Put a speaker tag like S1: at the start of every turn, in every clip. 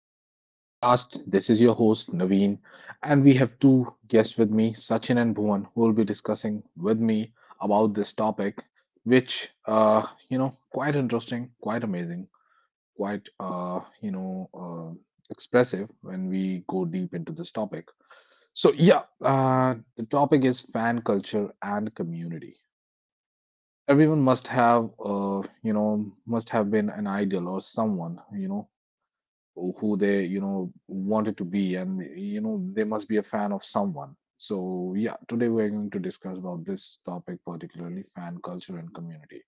S1: to another podcast. This is your host, Naveen, and we have two guests with me, Sachin and Bhuvan, who will be discussing with me about this topic, which, quite interesting, quite amazing, quite, expressive when we go deep into this topic. So, yeah, the topic is fan culture and community. Everyone must have, must have been an idol or someone, you know, who they wanted to be, and you know they must be a fan of someone. So yeah, today we're going to discuss about this topic, particularly fan culture and community.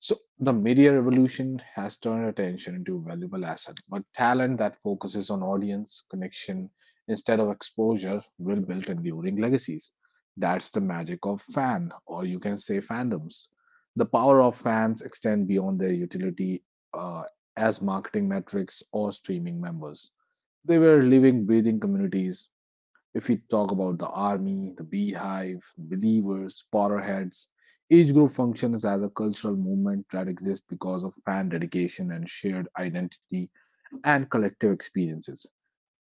S1: So the media revolution has turned attention into valuable asset, but talent that focuses on audience connection instead of exposure will build enduring legacies. That's the magic of fan, or you can say fandoms. The power of fans extend beyond their utility uh, as marketing metrics or streaming members. They were living, breathing communities if we talk about the army, the beehive, believers, Potterheads. Each group functions as a cultural movement that exists because of fan dedication and shared identity and collective experiences.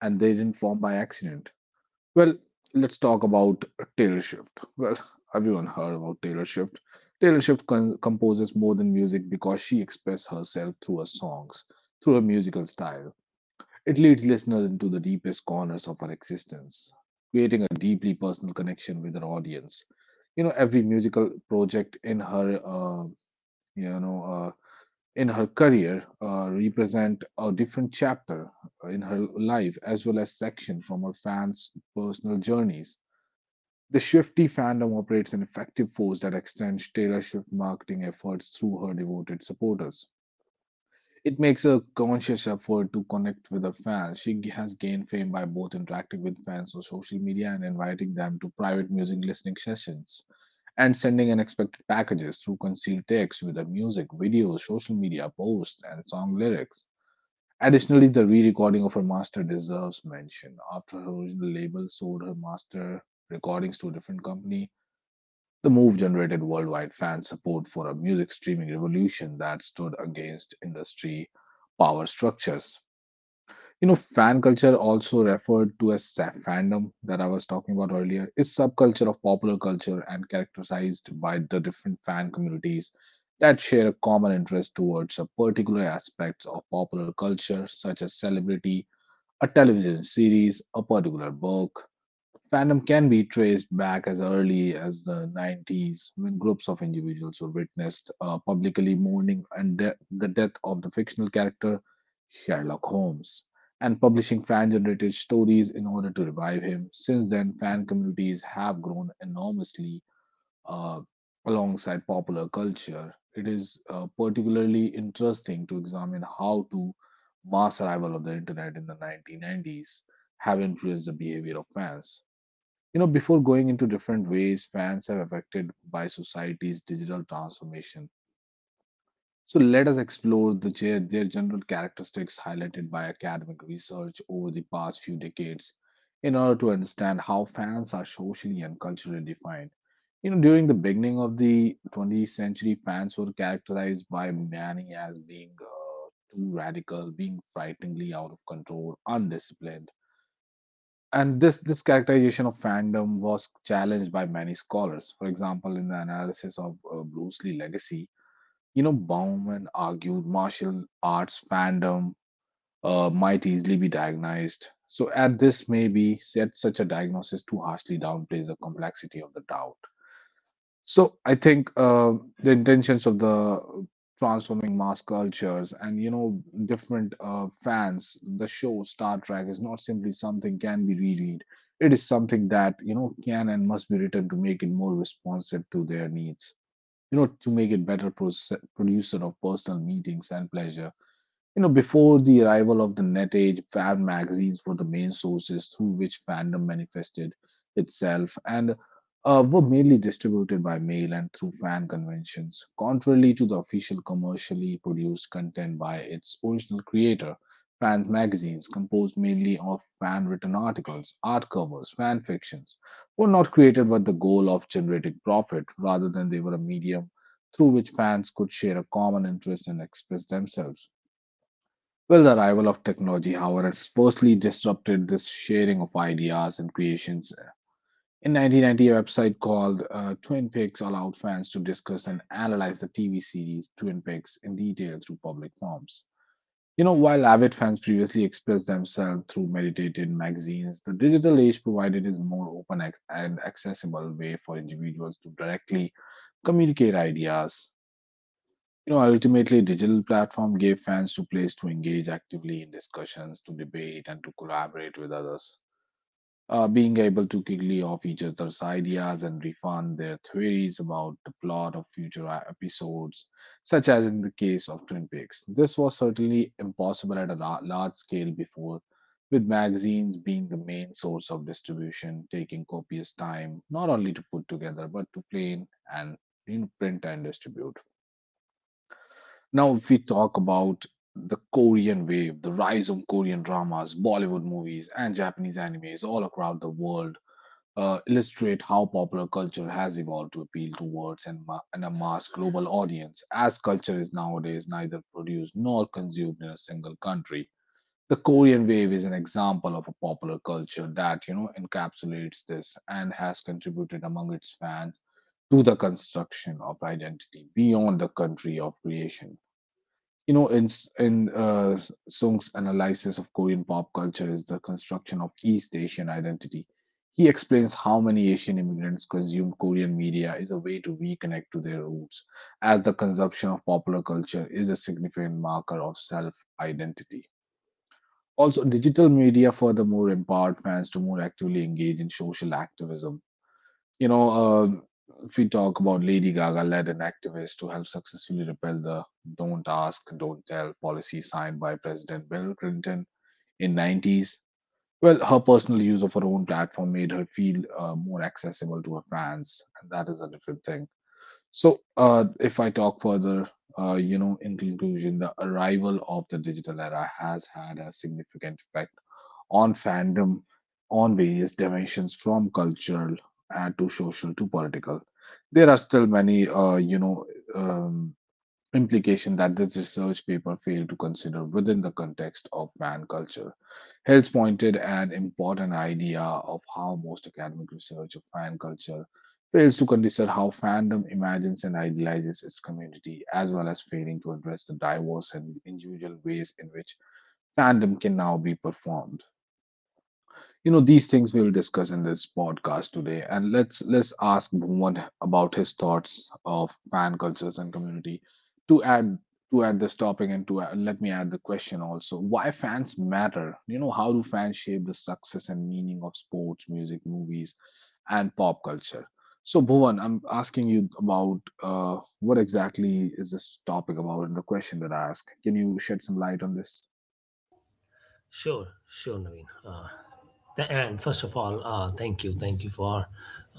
S1: And they didn't form by accident. Well, let's talk about Taylor Swift. Well, everyone heard about Taylor Swift. Taylor Swift composes more than music because she expresses herself through her songs, through her musical style it leads listeners into the deepest corners of our existence, creating a deeply personal connection with our audience. You know, every musical project in her, you know, uh, in her career represent a different chapter in her life, as well as section from her fans' personal journeys. The Swifty fandom operates an effective force that extends Taylor Swift marketing efforts through her devoted supporters. It makes a conscious effort to connect with her fans. Has gained fame by both interacting with fans on social media and inviting them to private music listening sessions, and sending unexpected packages through concealed text with her music, videos, social media posts, and song lyrics. Additionally, the re recording of her master deserves mention. After her original label sold her master recordings to a different company, the move generated worldwide fan support for a music streaming revolution that stood against industry power structures. You know, fan culture, also referred to as fandom that I was talking about earlier, is subculture of popular culture and characterized by the different fan communities that share a common interest towards a particular aspects of popular culture, such as celebrity, a television series, a particular book. Fandom can be traced back as early as the 90s, when groups of individuals who witnessed publicly mourning and the death of the fictional character Sherlock Holmes and publishing fan generated stories in order to revive him. Since then, fan communities have grown enormously uh, alongside popular culture. It is particularly interesting to examine how to mass arrival of the internet in the 1990s have influenced the behavior of fans. You know, before going into different ways fans are affected by society's digital transformation. So let us explore the, their general characteristics highlighted by academic research over the past few decades in order to understand how fans are socially and culturally defined. You know, during the beginning of the 20th century, fans were characterized by many as being too radical, being frighteningly out of control, undisciplined, and this characterization of fandom was challenged by many scholars. For example, in the analysis of Bruce Lee legacy, you know, Bauman argued martial arts fandom might easily be diagnosed. So, at this, maybe said such a diagnosis too harshly downplays the complexity of the doubt. So I think the intentions of the transforming mass cultures and you know different fans, the show Star Trek is not simply something can be reread. It is something that you know can and must be written to make it more responsive to their needs. You know, to make it better producer of personal meetings and pleasure. You know, before the arrival of the net age, fan magazines were the main sources through which fandom manifested itself, and were mainly distributed by mail and through fan conventions, contrarily to the official commercially produced content by its original creator. Fans magazines, composed mainly of fan written articles, art covers, fan fictions, were not created with the goal of generating profit. Rather than they were a medium through which fans could share a common interest and express themselves. Well, the arrival of technology, however, has firstly disrupted this sharing of ideas and creations. In 1990, a website called Twin Peaks allowed fans to discuss and analyze the TV series Twin Peaks in detail through public forums. You know, while avid fans previously expressed themselves through meditated magazines, the digital age provided is more open and accessible way for individuals to directly communicate ideas. You know, ultimately, digital platform gave fans to place to engage actively in discussions, to debate, and to collaborate with others. Being able to quickly off each other's ideas and refine their theories about the plot of future episodes, such as in the case of Twin Peaks. This was certainly impossible at a large scale before, with magazines being the main source of distribution, taking copious time not only to put together but to plan and you know, print and distribute. Now, if we talk about the Korean wave, the rise of Korean dramas, Bollywood movies, and Japanese animes all across the world illustrate how popular culture has evolved to appeal towards and, and amass global audience, as culture is nowadays neither produced nor consumed in a single country. The Korean wave is an example of a popular culture that you know encapsulates this and has contributed among its fans to the construction of identity beyond the country of creation. You know, in Sung's analysis of Korean pop culture is the construction of East Asian identity. He explains how many Asian immigrants consume Korean media is a way to reconnect to their roots, as the consumption of popular culture is a significant marker of self identity. Also, digital media furthermore empowered fans to more actively engage in social activism. You know, if we talk about Lady Gaga led an activist to help successfully repeal the "Don't Ask, Don't Tell" policy signed by President Bill Clinton in 90s. Well, her personal use of her own platform made her feel more accessible to her fans, and that is a different thing. So, if I talk further, in conclusion, the arrival of the digital era has had a significant effect on fandom on various dimensions from cultural and to social to political. There are still many, um, implication that this research paper failed to consider within the context of fan culture. Hills pointed an important idea of how most academic research of fan culture fails to consider how fandom imagines and idealizes its community, as well as failing to address the diverse and individual ways in which fandom can now be performed. You know, these things we'll discuss in this podcast today. And let's ask Bhuvan about his thoughts of fan cultures and community. to add to add this topic, and to add, let me add the question also, why fans matter? You know, how do fans shape the success and meaning of sports, music, movies, and pop culture? So Bhuvan, I'm asking you about what exactly is this topic about, and the question that I ask, can you shed some light on this?
S2: Sure, sure, Naveen. Th- and first of all, thank you for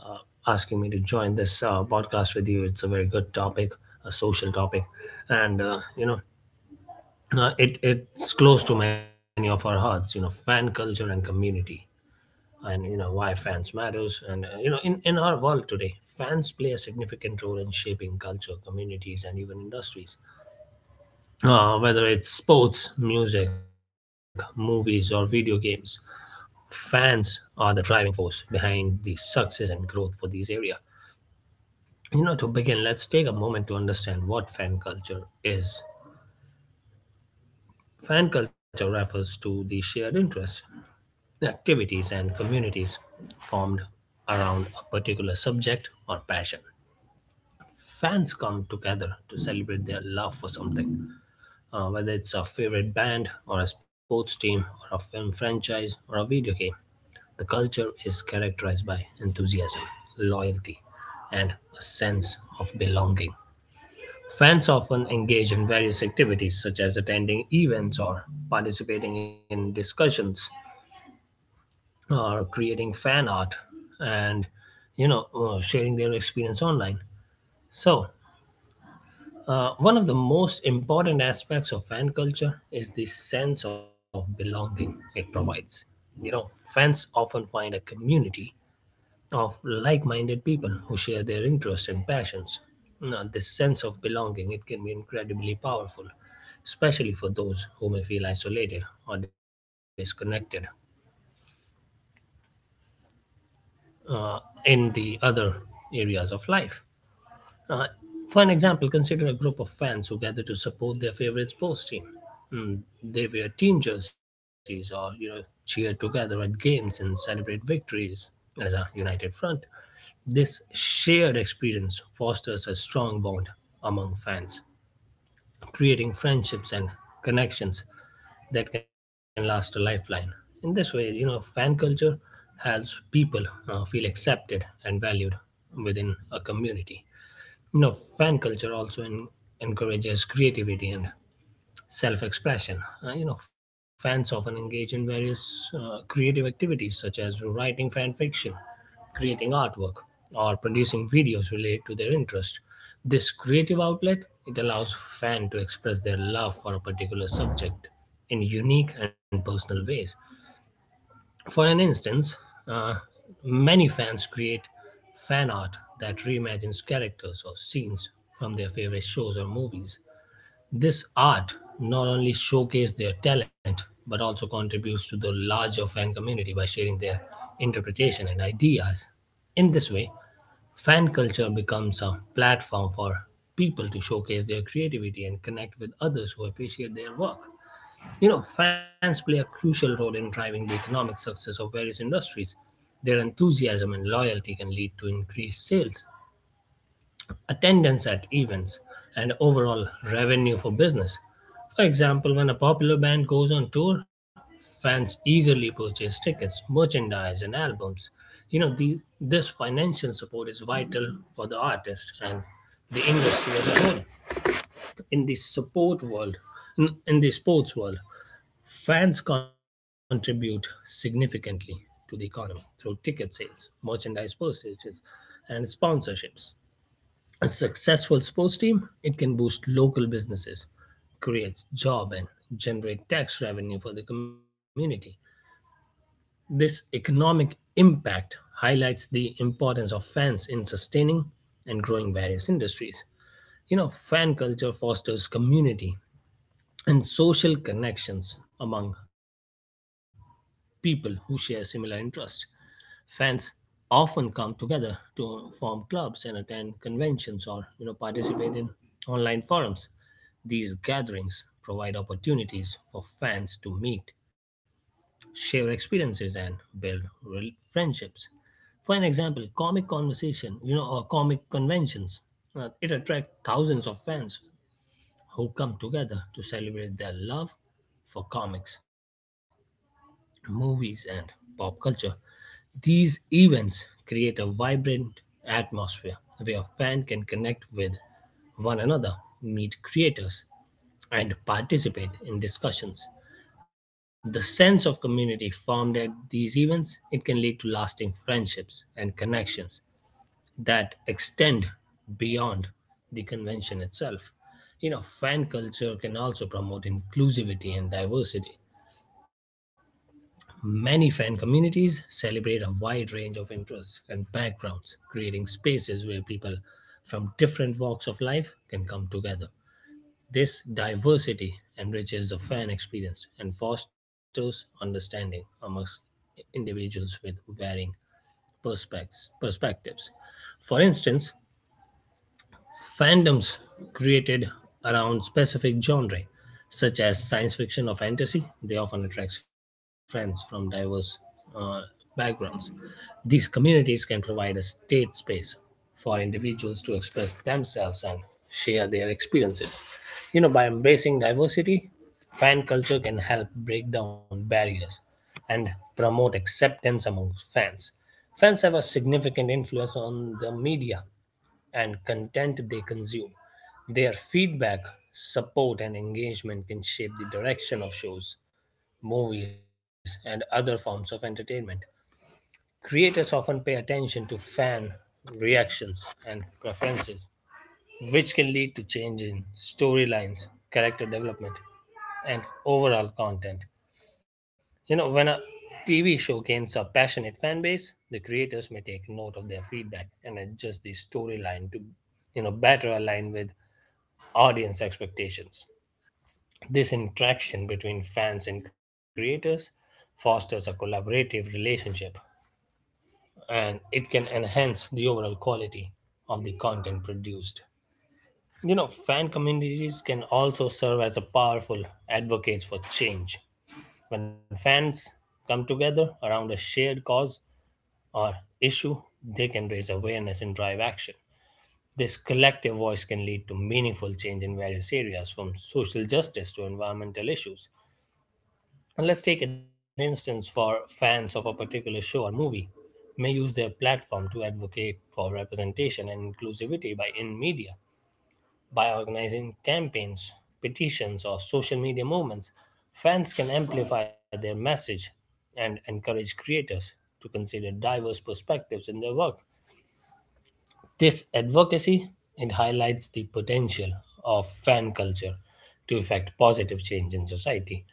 S2: asking me to join this podcast with you. It's a very good topic, a social topic, and it's close to many of our hearts. You know, fan culture and community, and you know why fans matters, and in our world today, fans play a significant role in shaping culture, communities, and even industries. Whether it's sports, music, movies, or video games, fans are the driving force behind the success and growth for these area. You know, to begin, let's take a moment to understand what fan culture is. Fan culture refers to the shared interests, activities, and communities formed around a particular subject or passion. Fans come together to celebrate their love for something, whether it's a favorite band, or a sports team, or a film franchise, or a video game. The culture is characterized by enthusiasm, loyalty, and a sense of belonging. Fans often engage in various activities such as attending events, or participating in discussions, or creating fan art, and sharing their experience online. So, one of the most important aspects of fan culture is the sense of belonging it provides. You know, fans often find a community of like minded people who share their interests and passions. Now, this sense of belonging, it can be incredibly powerful, especially for those who may feel isolated or disconnected uh, in the other areas of life. Uh, for an example, consider a group of fans who gather to support their favorite sports team. Mm, they wear team jerseys, or you know, cheer together at games and celebrate victories as a united front. This shared experience fosters a strong bond among fans, creating friendships and connections that can last a lifeline. In this way, you know, fan culture helps people feel accepted and valued within a community. You know, fan culture also encourages creativity and self-expression. You know, fans often engage in various creative activities such as writing fan fiction, creating artwork, or producing videos related to their interest. This creative outlet, it allows fan to express their love for a particular subject in unique and personal ways. For an instance, uh, many fans create fan art that reimagines characters or scenes from their favorite shows or movies. This art not only showcases their talent but also contributes to the larger fan community by sharing their interpretation and ideas. In this way, fan culture becomes a platform for people to showcase their creativity and connect with others who appreciate their work. You know, fans play a crucial role in driving the economic success of various industries. Their enthusiasm and loyalty can lead to increased sales, attendance at events, and overall revenue for business. For example, when a popular band goes on tour, fans eagerly purchase tickets, merchandise, and albums. You know, this financial support is vital for the artist and the industry as a whole. In the support world, in the sports world, fans contribute significantly to the economy through ticket sales, merchandise purchases, and sponsorships. A successful sports team, it can boost local businesses, creates job, and generate tax revenue for the community. This economic impact highlights the importance of fans in sustaining and growing various industries. You know, fan culture fosters community and social connections among people who share similar interests. Fans often come together to form clubs and attend conventions, or you know, participate in online forums. These gatherings provide opportunities for fans to meet, share experiences, and build real friendships. For an example, comic conversation, you know, or comic conventions, it attracts thousands of fans who come together to celebrate their love for comics, movies, and pop culture. These events create a vibrant atmosphere where fans can connect with one another, meet creators, and participate in discussions. The sense of community formed at these events, it can lead to lasting friendships and connections that extend beyond the convention itself. You know, fan culture can also promote inclusivity and diversity. Many fan communities celebrate a wide range of interests and backgrounds, creating spaces where people from different walks of life can come together. This diversity enriches the fan experience and fosters understanding amongst individuals with varying perspectives. For instance, fandoms created around specific genre, such as science fiction or fantasy, they often attract friends from diverse uh, backgrounds. These communities can provide a safe space for individuals to express themselves and share their experiences. You know, by embracing diversity, fan culture can help break down barriers and promote acceptance among fans. Fans have a significant influence on the media and content they consume. Their feedback, support, and engagement can shape the direction of shows, movies, and other forms of entertainment. Creators often pay attention to fan reactions and preferences, which can lead to change in storylines, character development, and overall content. You know, when a TV show gains a passionate fan base, the creators may take note of their feedback and adjust the storyline to, you know, better align with audience expectations. This interaction between fans and creators fosters a collaborative relationship, and it can enhance the overall quality of the content produced. You know, fan communities can also serve as a powerful advocates for change. When fans come together around a shared cause, or issue, they can raise awareness and drive action. This collective voice can lead to meaningful change in various areas, from social justice to environmental issues. And let's take an instance for fans of a particular show or movie may use their platform to advocate for representation and inclusivity by in media by organizing campaigns, petitions, or social media movements. Fans can amplify their message and encourage creators to consider diverse perspectives in their work. This advocacy, it highlights the potential of fan culture to effect positive change in society.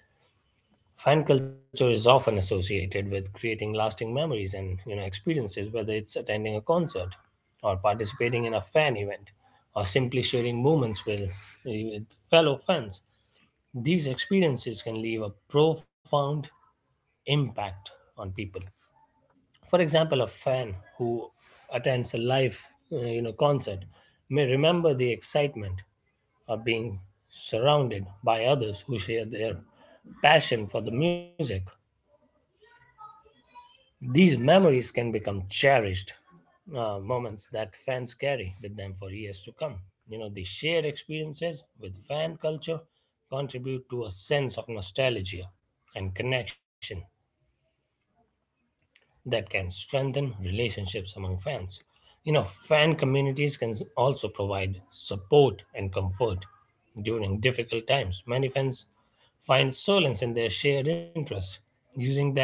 S2: Fan culture is often associated with creating lasting memories and you know experiences, whether it's attending a concert, or participating in a fan event, or simply sharing moments with fellow fans. These experiences can leave a profound impact on people. For example, a fan who attends a live concert may remember the excitement of being surrounded by others who share their passion for the music. These memories can become cherished moments that fans carry with them for years to come. You know, the shared experiences with fan culture contribute to a sense of nostalgia and connection that can strengthen relationships among fans. You know, fan communities can also provide support and comfort during difficult times. Many fans find solace in their shared interests, using them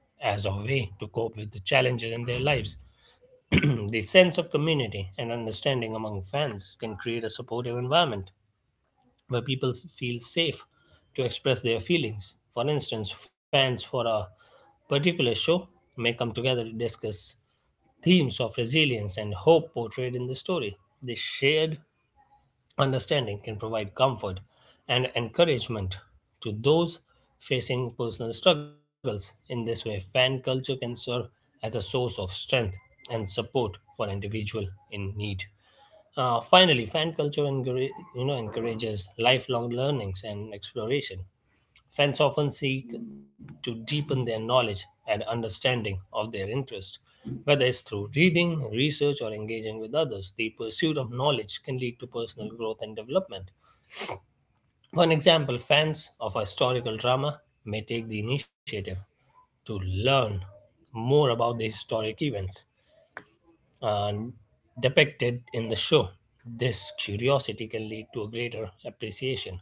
S2: as a way to cope with the challenges in their lives. The sense of community and understanding among fans can create a supportive environment where feel safe to express their feelings. For instance, fans for a particular show may come together to discuss themes of resilience and hope portrayed in the story. This shared understanding can provide comfort and encouragement to those facing personal struggles. In this way, fan culture can serve as a source of strength and support for individual in need. Finally, fan culture encourages lifelong learnings and exploration. Fans often seek to deepen their knowledge and understanding of their interest, whether it's through reading, research, or engaging with others. The pursuit of knowledge can lead to personal growth and development. For an example, fans of historical drama may take the initiative to learn more about the historic events and depicted in the show. This curiosity can lead to a greater appreciation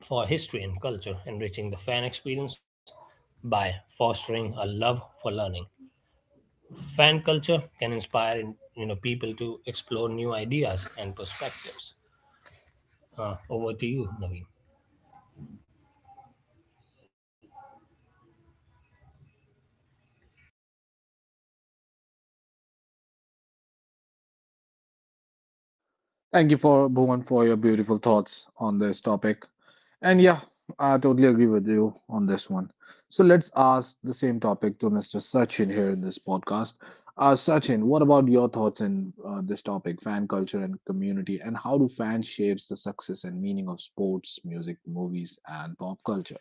S2: for history and culture, enriching the fan experience by fostering a love for learning. Fan culture can inspire you know people to explore new ideas and perspectives. Over to you, Naveen.
S1: Thank you for Bhuvan for your beautiful thoughts on this topic. And yeah, I totally agree with you on this one. So let's ask the same topic to Mr. Sachin here in this podcast. Sachin, what about your thoughts in this topic, fan culture and community, and how do fans shapes the success and meaning of sports, music, movies, and pop culture?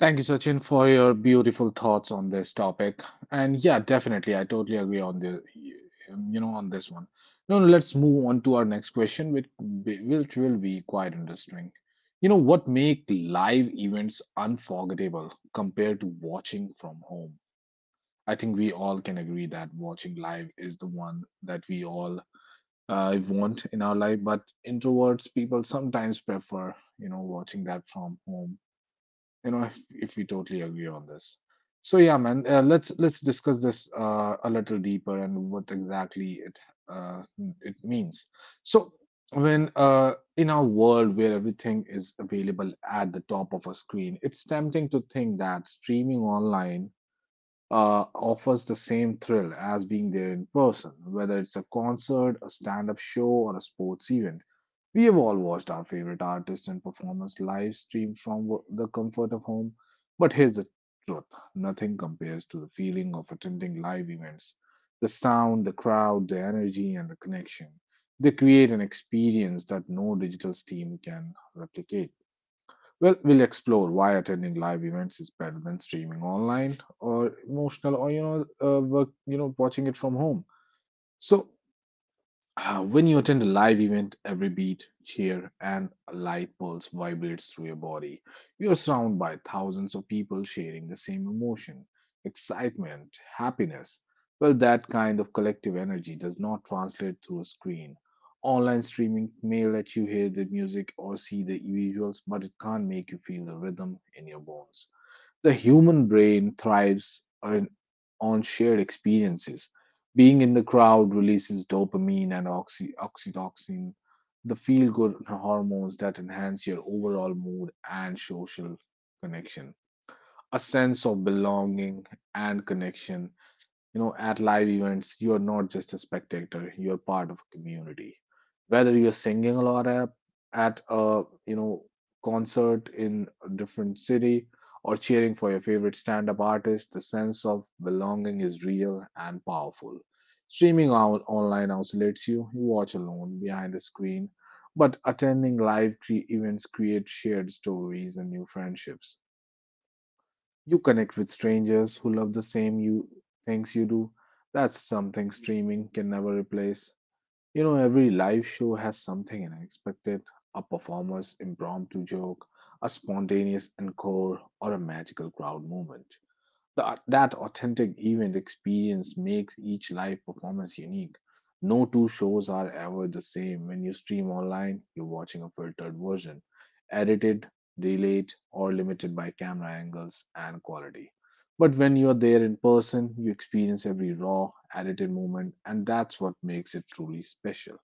S1: Thank you, Sachin, for your beautiful thoughts on this topic. And yeah, definitely, I totally agree on the, on this one. Now, let's move on to our next question, which which will be quite interesting. You know, what make live events unforgettable compared to watching from home? I think we all can agree that watching live is the one that we all want in our life, but introverts people sometimes prefer, you know, watching that from home. You know, if we totally agree on this. So yeah, man, let's discuss this a little deeper and what exactly it uh, it means. So when, in our world where everything is available at the top of a screen, it's tempting to think that streaming online offers the same thrill as being there in person, whether it's a concert, a stand up show, or a sports event. We have all watched our favorite artists and performers live stream from the comfort of home. But here's the truth. Nothing compares to the feeling of attending live events: the sound, the crowd, the energy, and the connection. They create an experience that no digital stream can replicate. Well, we'll explore why attending live events is better than streaming online or emotional or you know, work, you know, watching it from home. So, when you attend a live event, every beat, cheer, and light pulse vibrates through your body. You're surrounded by thousands of people sharing the same emotion, excitement, happiness. Well, that kind of collective energy does not translate through a screen. Online streaming may let you hear the music or see the visuals, but it can't make you feel the rhythm in your bones. The human brain thrives on shared experiences. Being in the crowd releases dopamine and oxytocin, the feel good hormones that enhance your overall mood and social connection. A sense of belonging and connection. You know, at live events, you are not just a spectator, you're part of a community. Whether you're singing a lot at a, you know, concert in a different city or cheering for your favorite stand-up artist, the sense of belonging is real and powerful. Streaming out online isolates you, you watch alone behind the screen, but attending events creates shared stories and new friendships. You connect with strangers who love the same you things you do. That's something streaming can never replace. You know, every live show has something unexpected, a performer's impromptu joke, a spontaneous encore, or a magical crowd movement. That authentic event experience makes each live performance unique. No two shows are ever the same. When you stream online, you're watching a filtered version, edited, delayed, or limited by camera angles and quality. But when you're there in person, you experience every raw, edited moment, and that's what makes it truly special.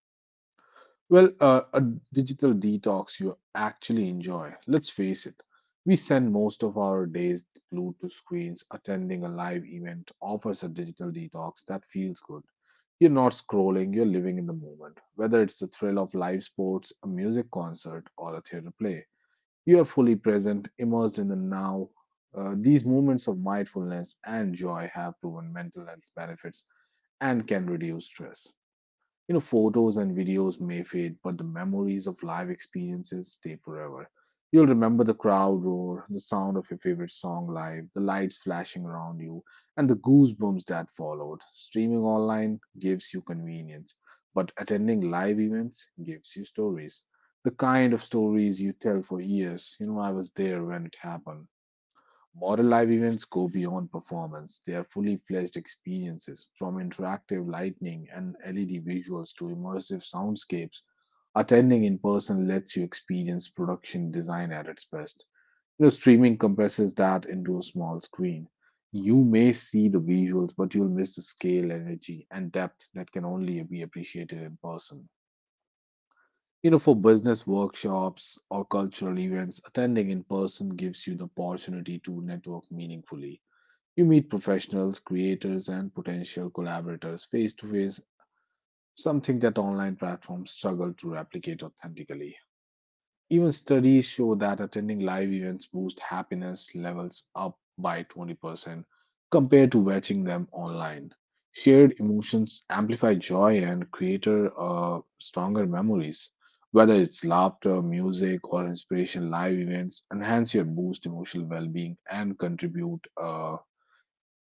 S1: Well, a digital detox you actually enjoy. Let's face it, we spend most of our days glued to screens. Attending a live event offers a digital detox that feels good. You're not scrolling, you're living in the moment. Whether it's the thrill of live sports, a music concert, or a theater play, you are fully present, immersed in the now. These moments of mindfulness and joy have proven mental health benefits and can reduce stress. You know, photos and videos may fade, but the memories of live experiences stay forever. You'll remember the crowd roar, the sound of your favorite song live, the lights flashing around you, and the goosebumps that followed. Streaming online gives you convenience, but attending live events gives you stories. The kind of stories you tell for years. You know, I was there when it happened. Moral live events go beyond performance. They are fully fledged experiences, from interactive lighting and LED visuals to immersive soundscapes. Attending in person lets you experience production design at its best. The streaming compresses that into a small screen. You may see the visuals, but you'll miss the scale, energy, and depth that can only be appreciated in person. You know, for business workshops or cultural events, attending in person gives you the opportunity to network meaningfully. You meet professionals, creators, and potential collaborators face to face, something that online platforms struggle to replicate authentically. Even studies show that attending live events boosts happiness levels up by 20% compared to watching them online. Shared emotions amplify joy and create stronger memories. Whether it's laughter, music, or inspiration, live events enhance your boost emotional well being and contribute, uh,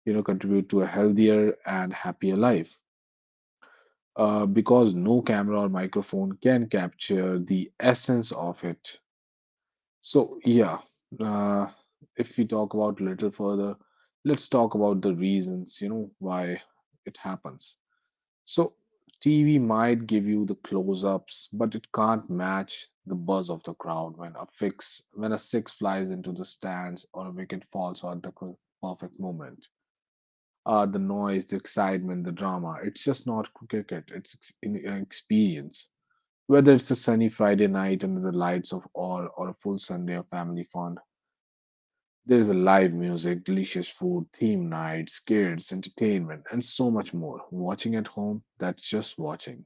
S1: you know contribute to a healthier and happier life, because no camera or microphone can capture the essence of it. So yeah, uh, if we talk about little further, let's talk about the reasons, you know, why it happens. So TV might give you the close-ups, but it can't match the buzz of the crowd when a fix when a six flies into the stands or a wicket falls at the perfect moment. The noise, the excitement, the drama. It's just not cricket, it's an experience. Whether it's a sunny Friday night under the lights of all or a full Sunday of family fun, there's a live music, delicious food, theme nights, kids, entertainment, and so much more. Watching at home, that's just watching.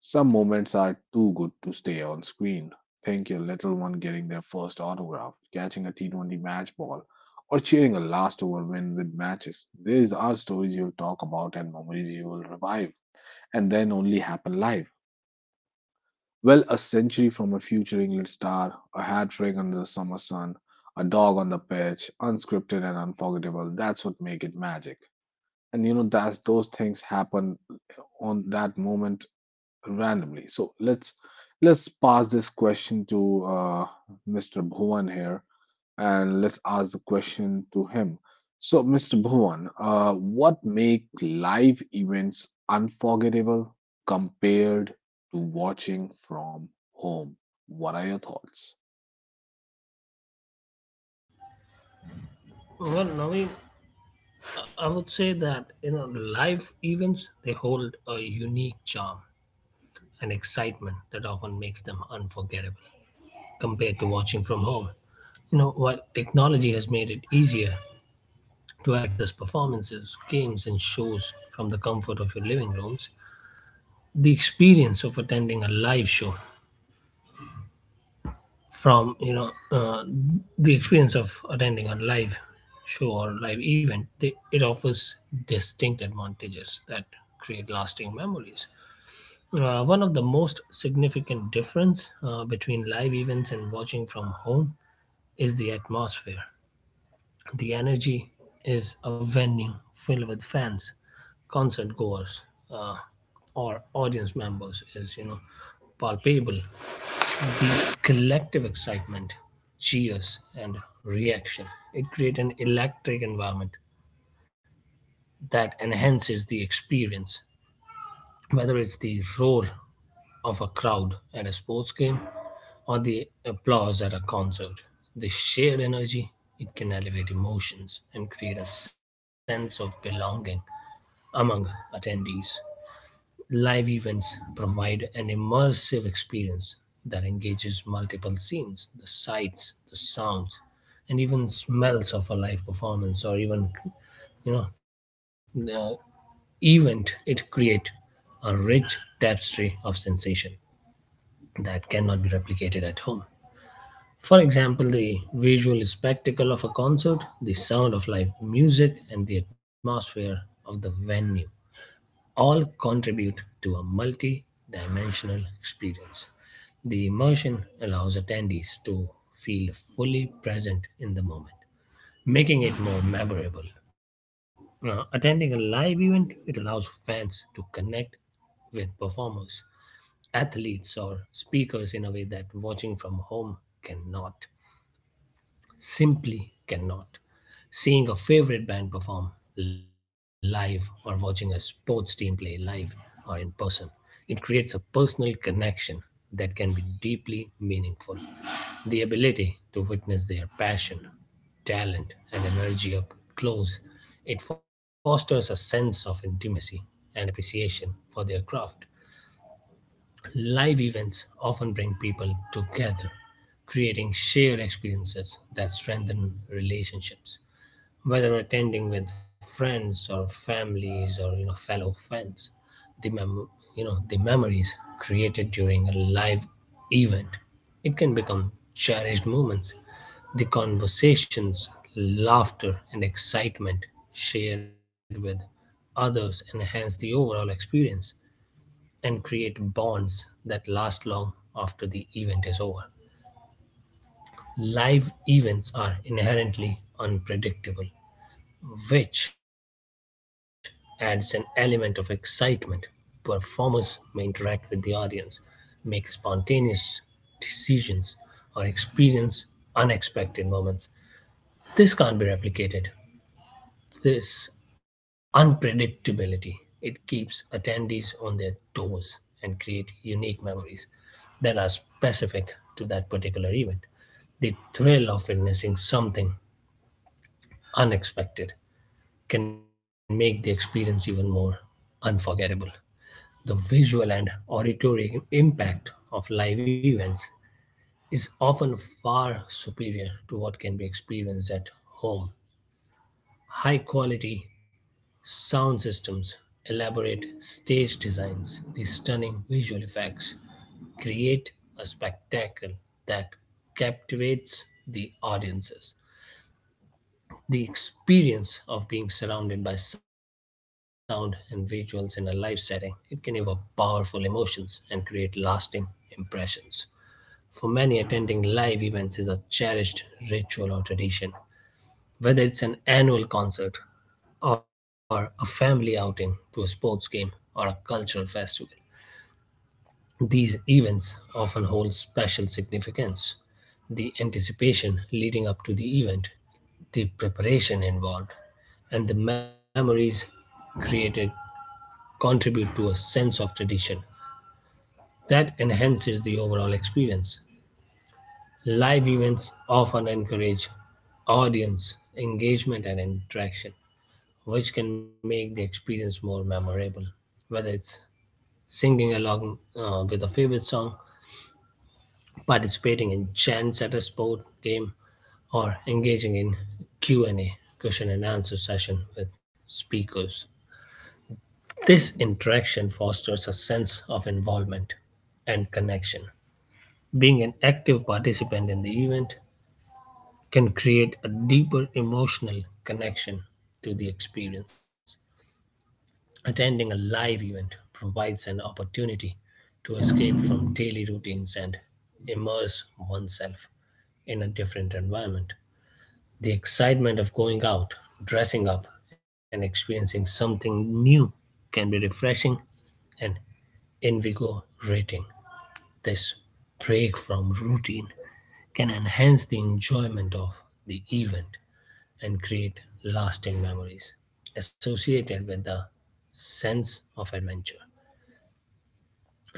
S1: Some moments are too good to stay on screen. Think your little one getting their first autograph, catching a T20 match ball, or cheering a last over win with matches. These are stories you'll talk about and memories you will revive, and then only happen live. Well, a century from a future England star, a hat trick under the summer sun, a dog on the pitch, unscripted and unforgettable. That's what make it magic. And you know that's those things happen on that moment randomly. So let's pass this question to, Mr. Bhuvan here, and let's ask the question to him. So, Mr. Bhuvan, what make live events unforgettable compared to watching from home? What are your thoughts?
S2: Well, Naveen, I would say that you know the live events they hold a unique charm and excitement that often makes them unforgettable compared to watching from home. You know, while technology has made it easier to access performances, games, and shows from the comfort of your living rooms, the experience of attending a live show from, you know, the experience of attending a live show or live event, they, it offers distinct advantages that create lasting memories. One of the most significant difference between live events and watching from home is the atmosphere. The energy is a venue filled with fans, concert goers, uh, or audience members is you know palpable. The collective excitement, cheers, and reaction, it create an electric environment that enhances the experience. Whether it's the roar of a crowd at a sports game or the applause at a concert, the shared energy, it can elevate emotions and create a sense of belonging among attendees. Live events provide an immersive experience that engages multiple scenes, the sights, the sounds, and even smells of a live performance or even you know uh, event it create a rich tapestry of sensation that cannot be replicated at home. For example, the visual spectacle of a concert, the sound of live music, and the atmosphere of the venue all contribute to a multi dimensional experience. The immersion allows attendees to feel fully present in the moment making it more memorable. Now, attending a live event, it allows fans to connect with performers, athletes, or speakers in a way that watching from home cannot. Simply cannot. Seeing a favorite band perform live or watching a sports team play live or in person, it creates a personal connection that can be deeply meaningful. The ability to witness their passion, talent, and energy up close, it fosters a sense of intimacy and appreciation for their craft. Live events often bring people together, creating shared experiences that strengthen relationships. Whether attending with friends or families or fellow fans, the the memories created during a live event, it can become cherished moments. The conversations, laughter, and excitement shared with others enhance the overall experience and create bonds that last long after the event is over. Live events are inherently unpredictable, which adds an element of excitement. Performers may interact with the audience, make spontaneous decisions, or experience unexpected moments. This can't be replicated This unpredictability it keeps attendees on their toes and create unique memories that are specific to that particular event. The thrill of witnessing something unexpected can make the experience even more unforgettable. The visual and auditory impact of live events is often far superior to what can be experienced at home. High quality sound systems, elaborate stage designs, the stunning visual effects create a spectacle that captivates the audiences. The experience of being surrounded by sound and visuals in a live setting, it can evoke powerful emotions and create lasting impressions. For many, attending live events is a cherished ritual or tradition whether it's an annual concert, or a family outing to a sports game or a cultural festival. These events often hold special significance. The anticipation leading up to the event, the preparation involved, and the memories created contribute to a sense of tradition that enhances the overall experience. Live events often encourage audience engagement and interaction which can make the experience more memorable. Whether it's singing along with a favorite song, participating in chants at a sport game, or engaging in Q&A question and answer session with speakers. This interaction fosters a sense of involvement and connection. Being an active participant in the event can create a deeper emotional connection to the experience. Attending a live event provides an opportunity to escape from daily routines and immerse oneself in a different environment. The excitement of going out, dressing up, and experiencing something new can be refreshing and invigorating. This break from routine can enhance the enjoyment of the event and create lasting memories associated with the sense of adventure.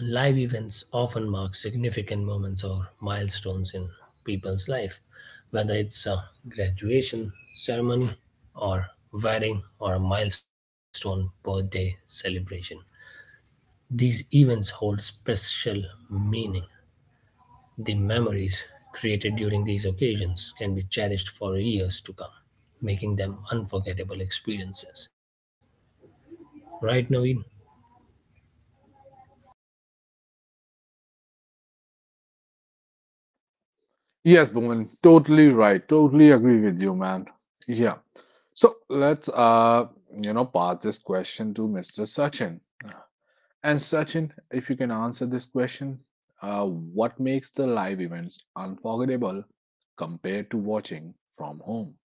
S2: Live events often mark significant moments or milestones in people's life, whether it's a graduation ceremony or wedding or a milestone birthday celebration. These events hold special meaning. The memories created during these occasions can be cherished for years to come, making them unforgettable experiences. Right, Naveen.
S1: Yes, Bhuvan, totally right. Totally agree with you, man. Yeah. So let's, you know, pass this question to Mr. Sachin. And Sachin, if you can answer this question, what makes the live events unforgettable compared to watching from home?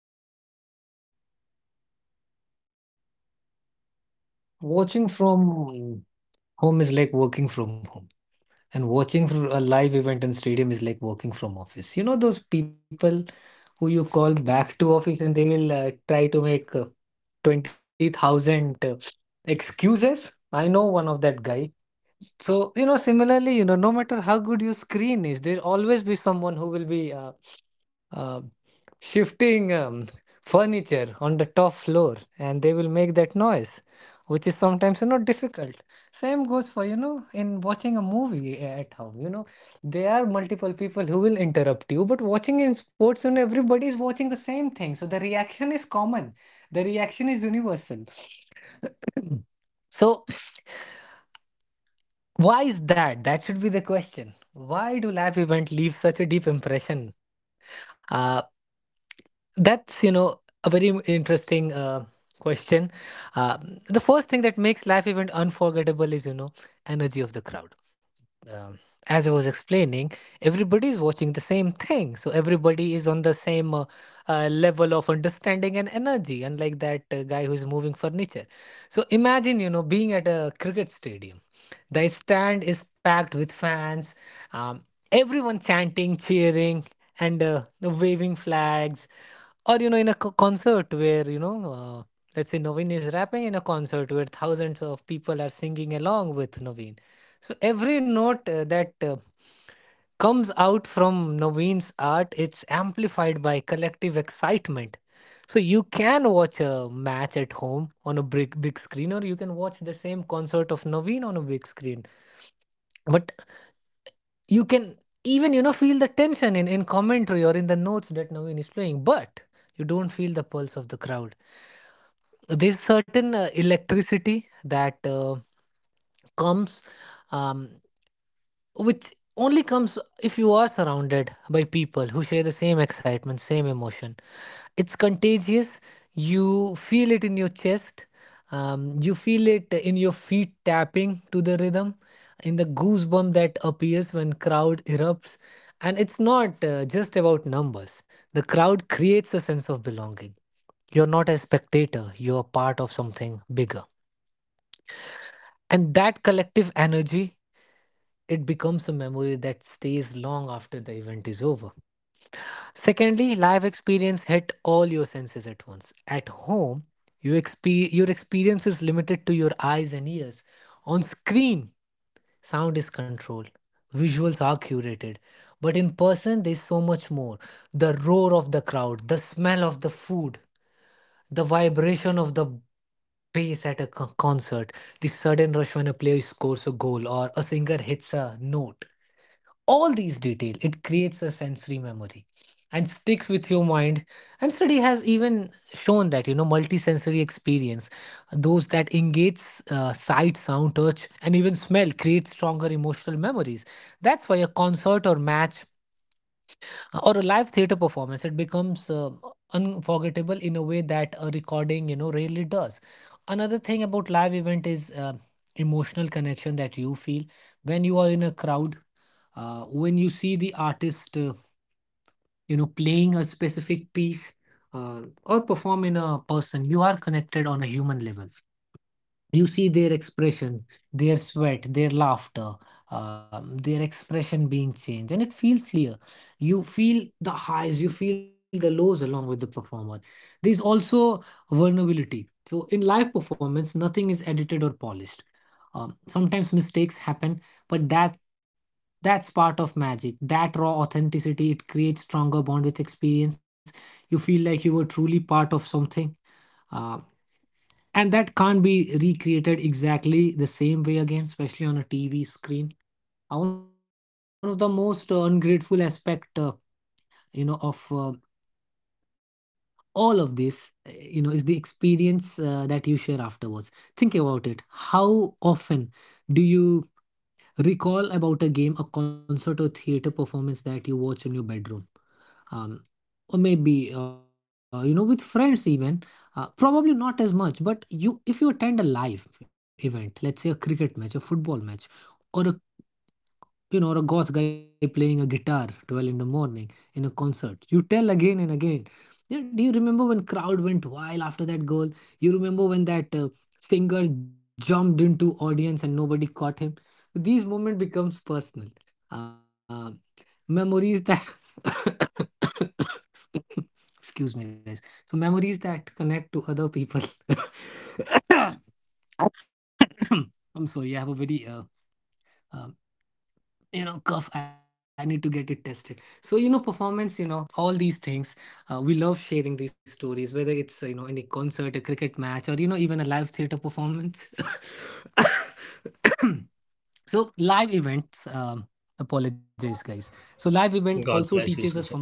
S2: God bless you, Sachin.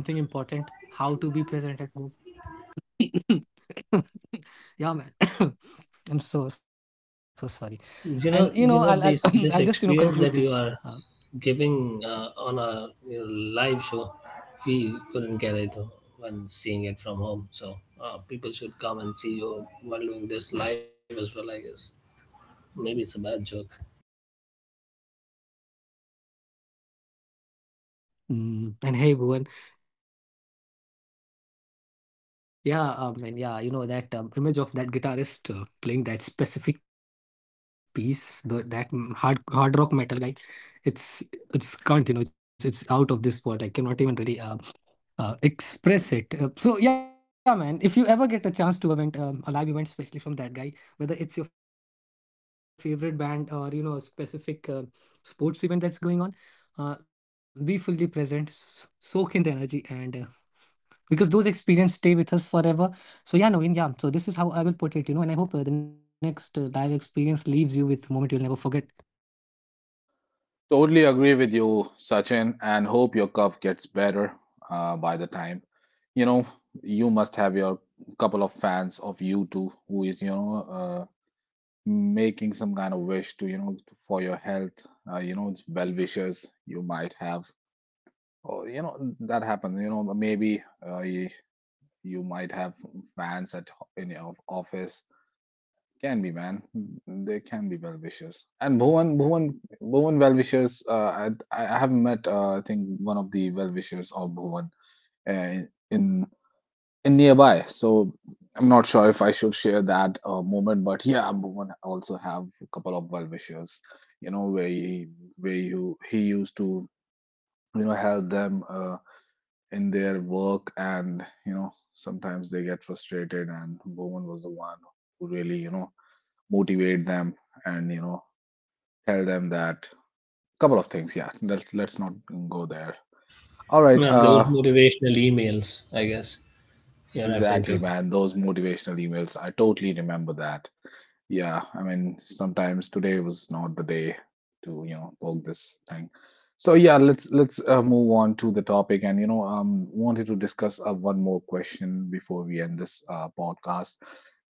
S2: You know, this experience that you are giving on a live show, we couldn't get it when seeing it from home. So people should come and see you while doing this live as well. I guess maybe it's a bad joke.
S1: Totally agree with you, Sachin, and hope your cough gets better by the time. You know, you must have your couple of fans of you too, who is, you know, making some kind of wish to, you know, for your health, you know, well wishes you might have. Or, you know, that happens. You know, maybe you might have fans at in your office. Can be, man. They can be well wishers. And Bhuvan well wishers. I have met, I think, one of the well wishers of Bhuvan uh, in in nearby. So I'm not sure if I should share that moment, but yeah, Bhuvan also have a couple of well wishers. You know where you he used to, you know, help them. In their work, and you know sometimes they get frustrated, and woman was the one who really, you know, motivate them, and you know, tell them that couple of things. Yeah, let's not go there. All right,
S2: Those motivational emails, I guess you're referring to.
S1: exactly, man. Those motivational emails. I totally remember that. Yeah, I mean, sometimes today was not the day to, you know, poke this thing. So yeah, let's move on to the topic, and you know, wanted to discuss one more question before we end this podcast.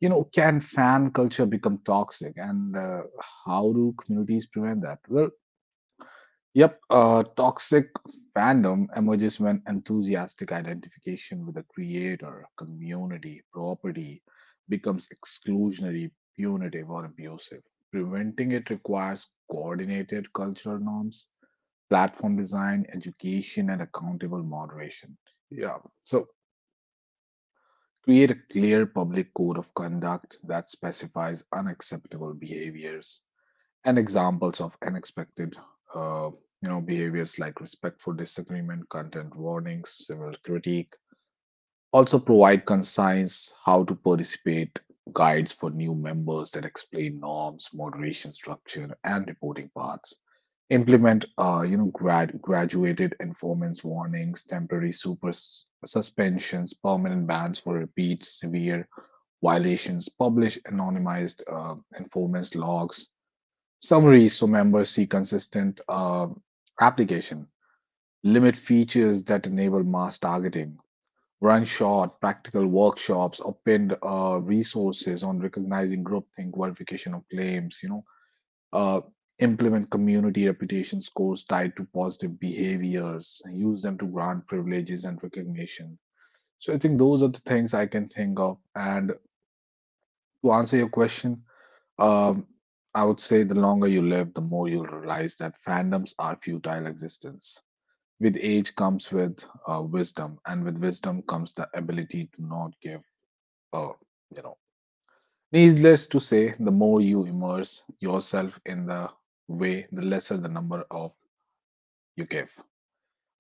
S1: You know, can fan culture become toxic, and how do communities prevent that? Well, yep, toxic fandom emerges when enthusiastic identification with a creator, community, property becomes exclusionary, punitive, or abusive. Preventing it requires coordinated cultural norms, platform design, education, and accountable moderation. Yeah, so create a clear public code of conduct that specifies unacceptable behaviors and examples of unexpected uh, you know behaviors like respectful disagreement, content warnings, civil critique. Also provide concise how to participate guides for new members that explain norms, moderation structure, and reporting paths. Implement, you know, graduated informants warnings, temporary suspensions, permanent bans for repeats severe violations. Publish anonymized, informants logs summaries so members see consistent application, limit features that enable mass targeting, run short practical workshops, or pinned resources on recognizing groupthink, verification of claims, you know, uh, implement community reputation scores tied to positive behaviors, use them to grant privileges and recognition. So I think those are the things I can think of. And to answer your question, Um, I would say the longer you live, the more you'll realize that fandoms are futile existence. With age comes with, wisdom, and with wisdom comes the ability to not give up. You know, needless to say, the more you immerse yourself in the way, the lesser the number of you give.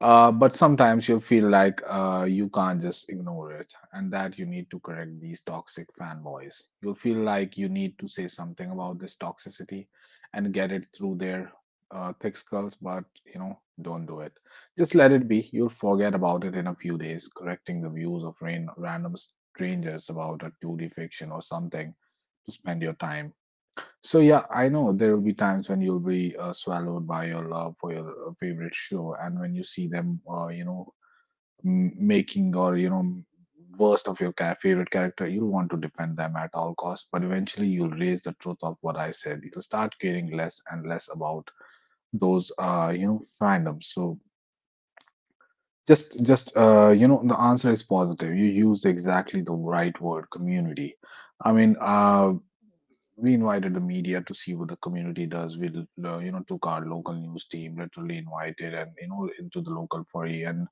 S1: But sometimes you feel like you can't just ignore it and that you need to correct these toxic fanboys. You'll feel like you need to say something about this toxicity and get it through their, thick skulls, but you know, don't do it. Just let it be. You'll forget about it in a few days. Correcting the views of random strangers about a 2D fiction or something to spend your time. So yeah, I know there will be times when you'll be swallowed by your love for your favorite show, and when you see them, you know, making or you know, worst of your favorite character, you'll want to defend them at all costs. But eventually, you'll raise the truth of what I said. You'll start caring less and less about fandoms. So the answer is positive. You used exactly the right word, community. I mean, uh, we invited the media to see what the community does. We took our local news team, literally invited and into the local foray and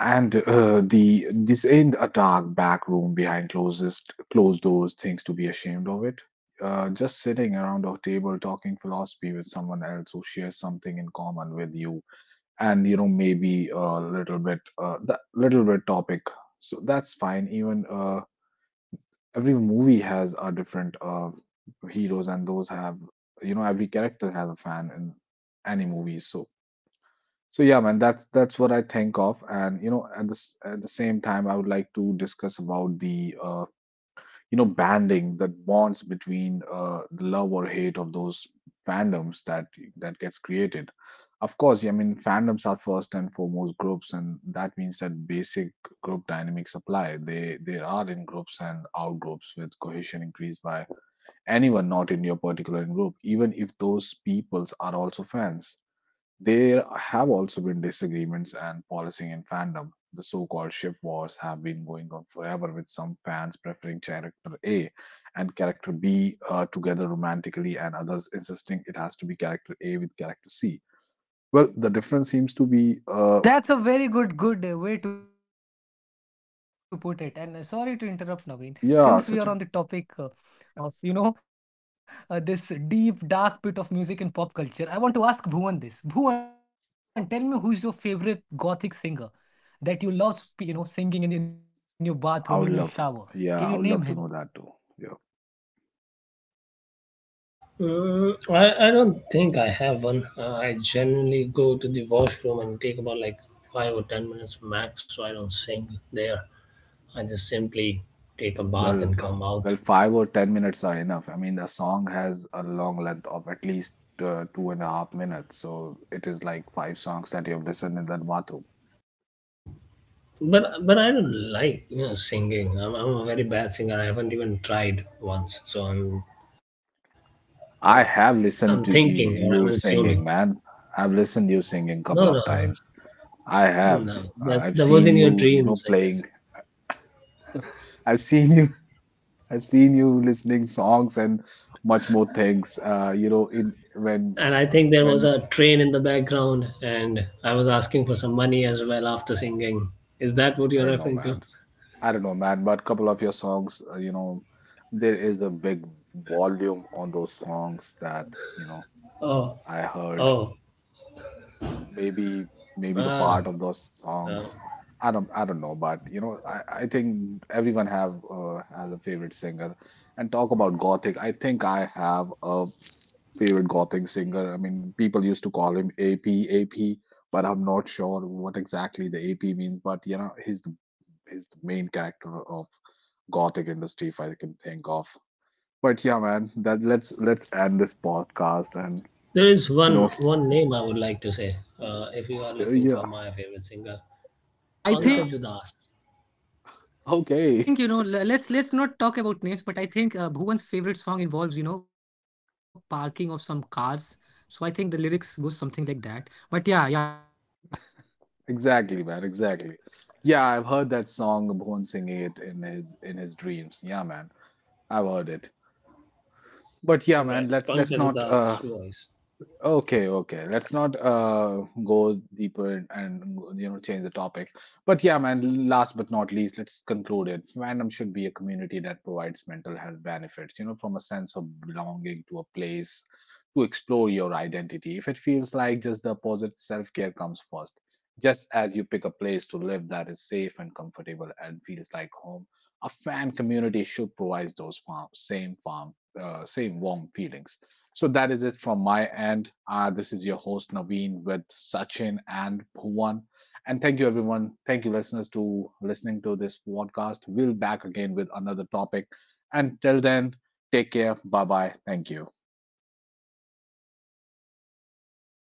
S1: and uh, the this ain't a dark back room behind closest closed doors. Things to be ashamed of it. Just sitting around a table talking philosophy with someone else who shares something in common with you, and maybe a little bit, that little bit topic. So that's fine. Even Every movie has a different heroes, and those have, you know, every character has a fan in any movie. So So yeah, man, that's what I think of. And you know, at this at the same time, I would like to discuss about the you know banding that bonds between, the love or hate of those fandoms that gets created. Of course. Yeah, I mean, fandoms are first and foremost groups, and that means that basic group dynamics apply. They are in groups and out groups, with cohesion increased by anyone not in your particular group, even if those peoples are also fans. There have also been disagreements and policing in fandom. The so called ship wars have been going on forever, with some fans preferring character A and character B together romantically, and others insisting it has to be character A with character C. Well, the difference seems to be, yeah, Sachin. I would love, yeah, I would love to know that too. Yeah.
S2: Mm, I don't think I have one. I generally go to the washroom and take about like 5 or 10 minutes max, so I don't sing there. I just simply take a bath
S1: Well,
S2: and come out.
S1: well, five or ten minutes are enough. I mean, the song has a long length of at least two and a half minutes, so it is like five songs that you have listened in that bathroom.
S2: But I don't like singing. I'm a very bad singer. I haven't even tried once. So
S1: I
S2: uh,
S1: have
S2: I'm
S1: listened to
S2: thinking or I'm
S1: you
S2: assuming.
S1: singing, man. I've listened you singing a
S2: No no
S1: couple of times. I
S2: no
S1: have.
S2: no. That
S1: I've
S2: that was
S1: seen
S2: in your
S1: you, you know,
S2: dreams, I guess.
S1: playing. I've seen you. I've seen you listening songs and much more things. You know, in
S2: And I think there was
S1: when
S2: a train in the background, and I was asking for some money as well after singing. Is that what
S1: I
S2: you're
S1: don't know,
S2: referring to?
S1: man. I don't know, man, but couple of your songs, there is a big volume on those songs that, you know,
S2: Oh
S1: I heard.
S2: oh
S1: Maybe maybe the
S2: ah.
S1: part of those
S2: ah.
S1: songs, I don't know. But you know, I think everyone have has a favorite singer. And talk about Gothic, I think I have a favorite Gothic singer. I mean, people used to call him AP, but I'm not sure what exactly the AP means. But you know, he's is the main character of gothic industry, if I can think of. But yeah, man, that let's end this podcast and
S2: There is
S1: you
S2: one
S1: know.
S2: one name I would like to say. If you are looking for
S1: Yeah.
S2: my favorite singer,
S1: Yeah.
S2: Pankaj Udas.
S1: Okay, exactly, man, exactly. Yeah, I've heard that song Bhuvan singing it in his dreams. Yeah, man, I've heard it. But
S2: Right,
S1: yeah, man,
S2: Pankaj
S1: let's
S2: Udas
S1: not
S2: voice.
S1: okay, okay, let's not go deeper, and change the topic. But yeah, man, last but not least, let's conclude it. Fandom should be a community that provides mental health benefits, you know, from a sense of belonging to a place to explore your identity. If it feels like just the opposite, self-care comes first. Just as you pick a place to live that is safe and comfortable and feels like home, a fan community should provide same same warm feelings. So that is it from my end. This is your host Naveen with Sachin and Bhuvan. And thank you everyone. Thank you listeners to listening to this podcast. We'll back again with another topic. And till then, take care. Bye bye. Thank you.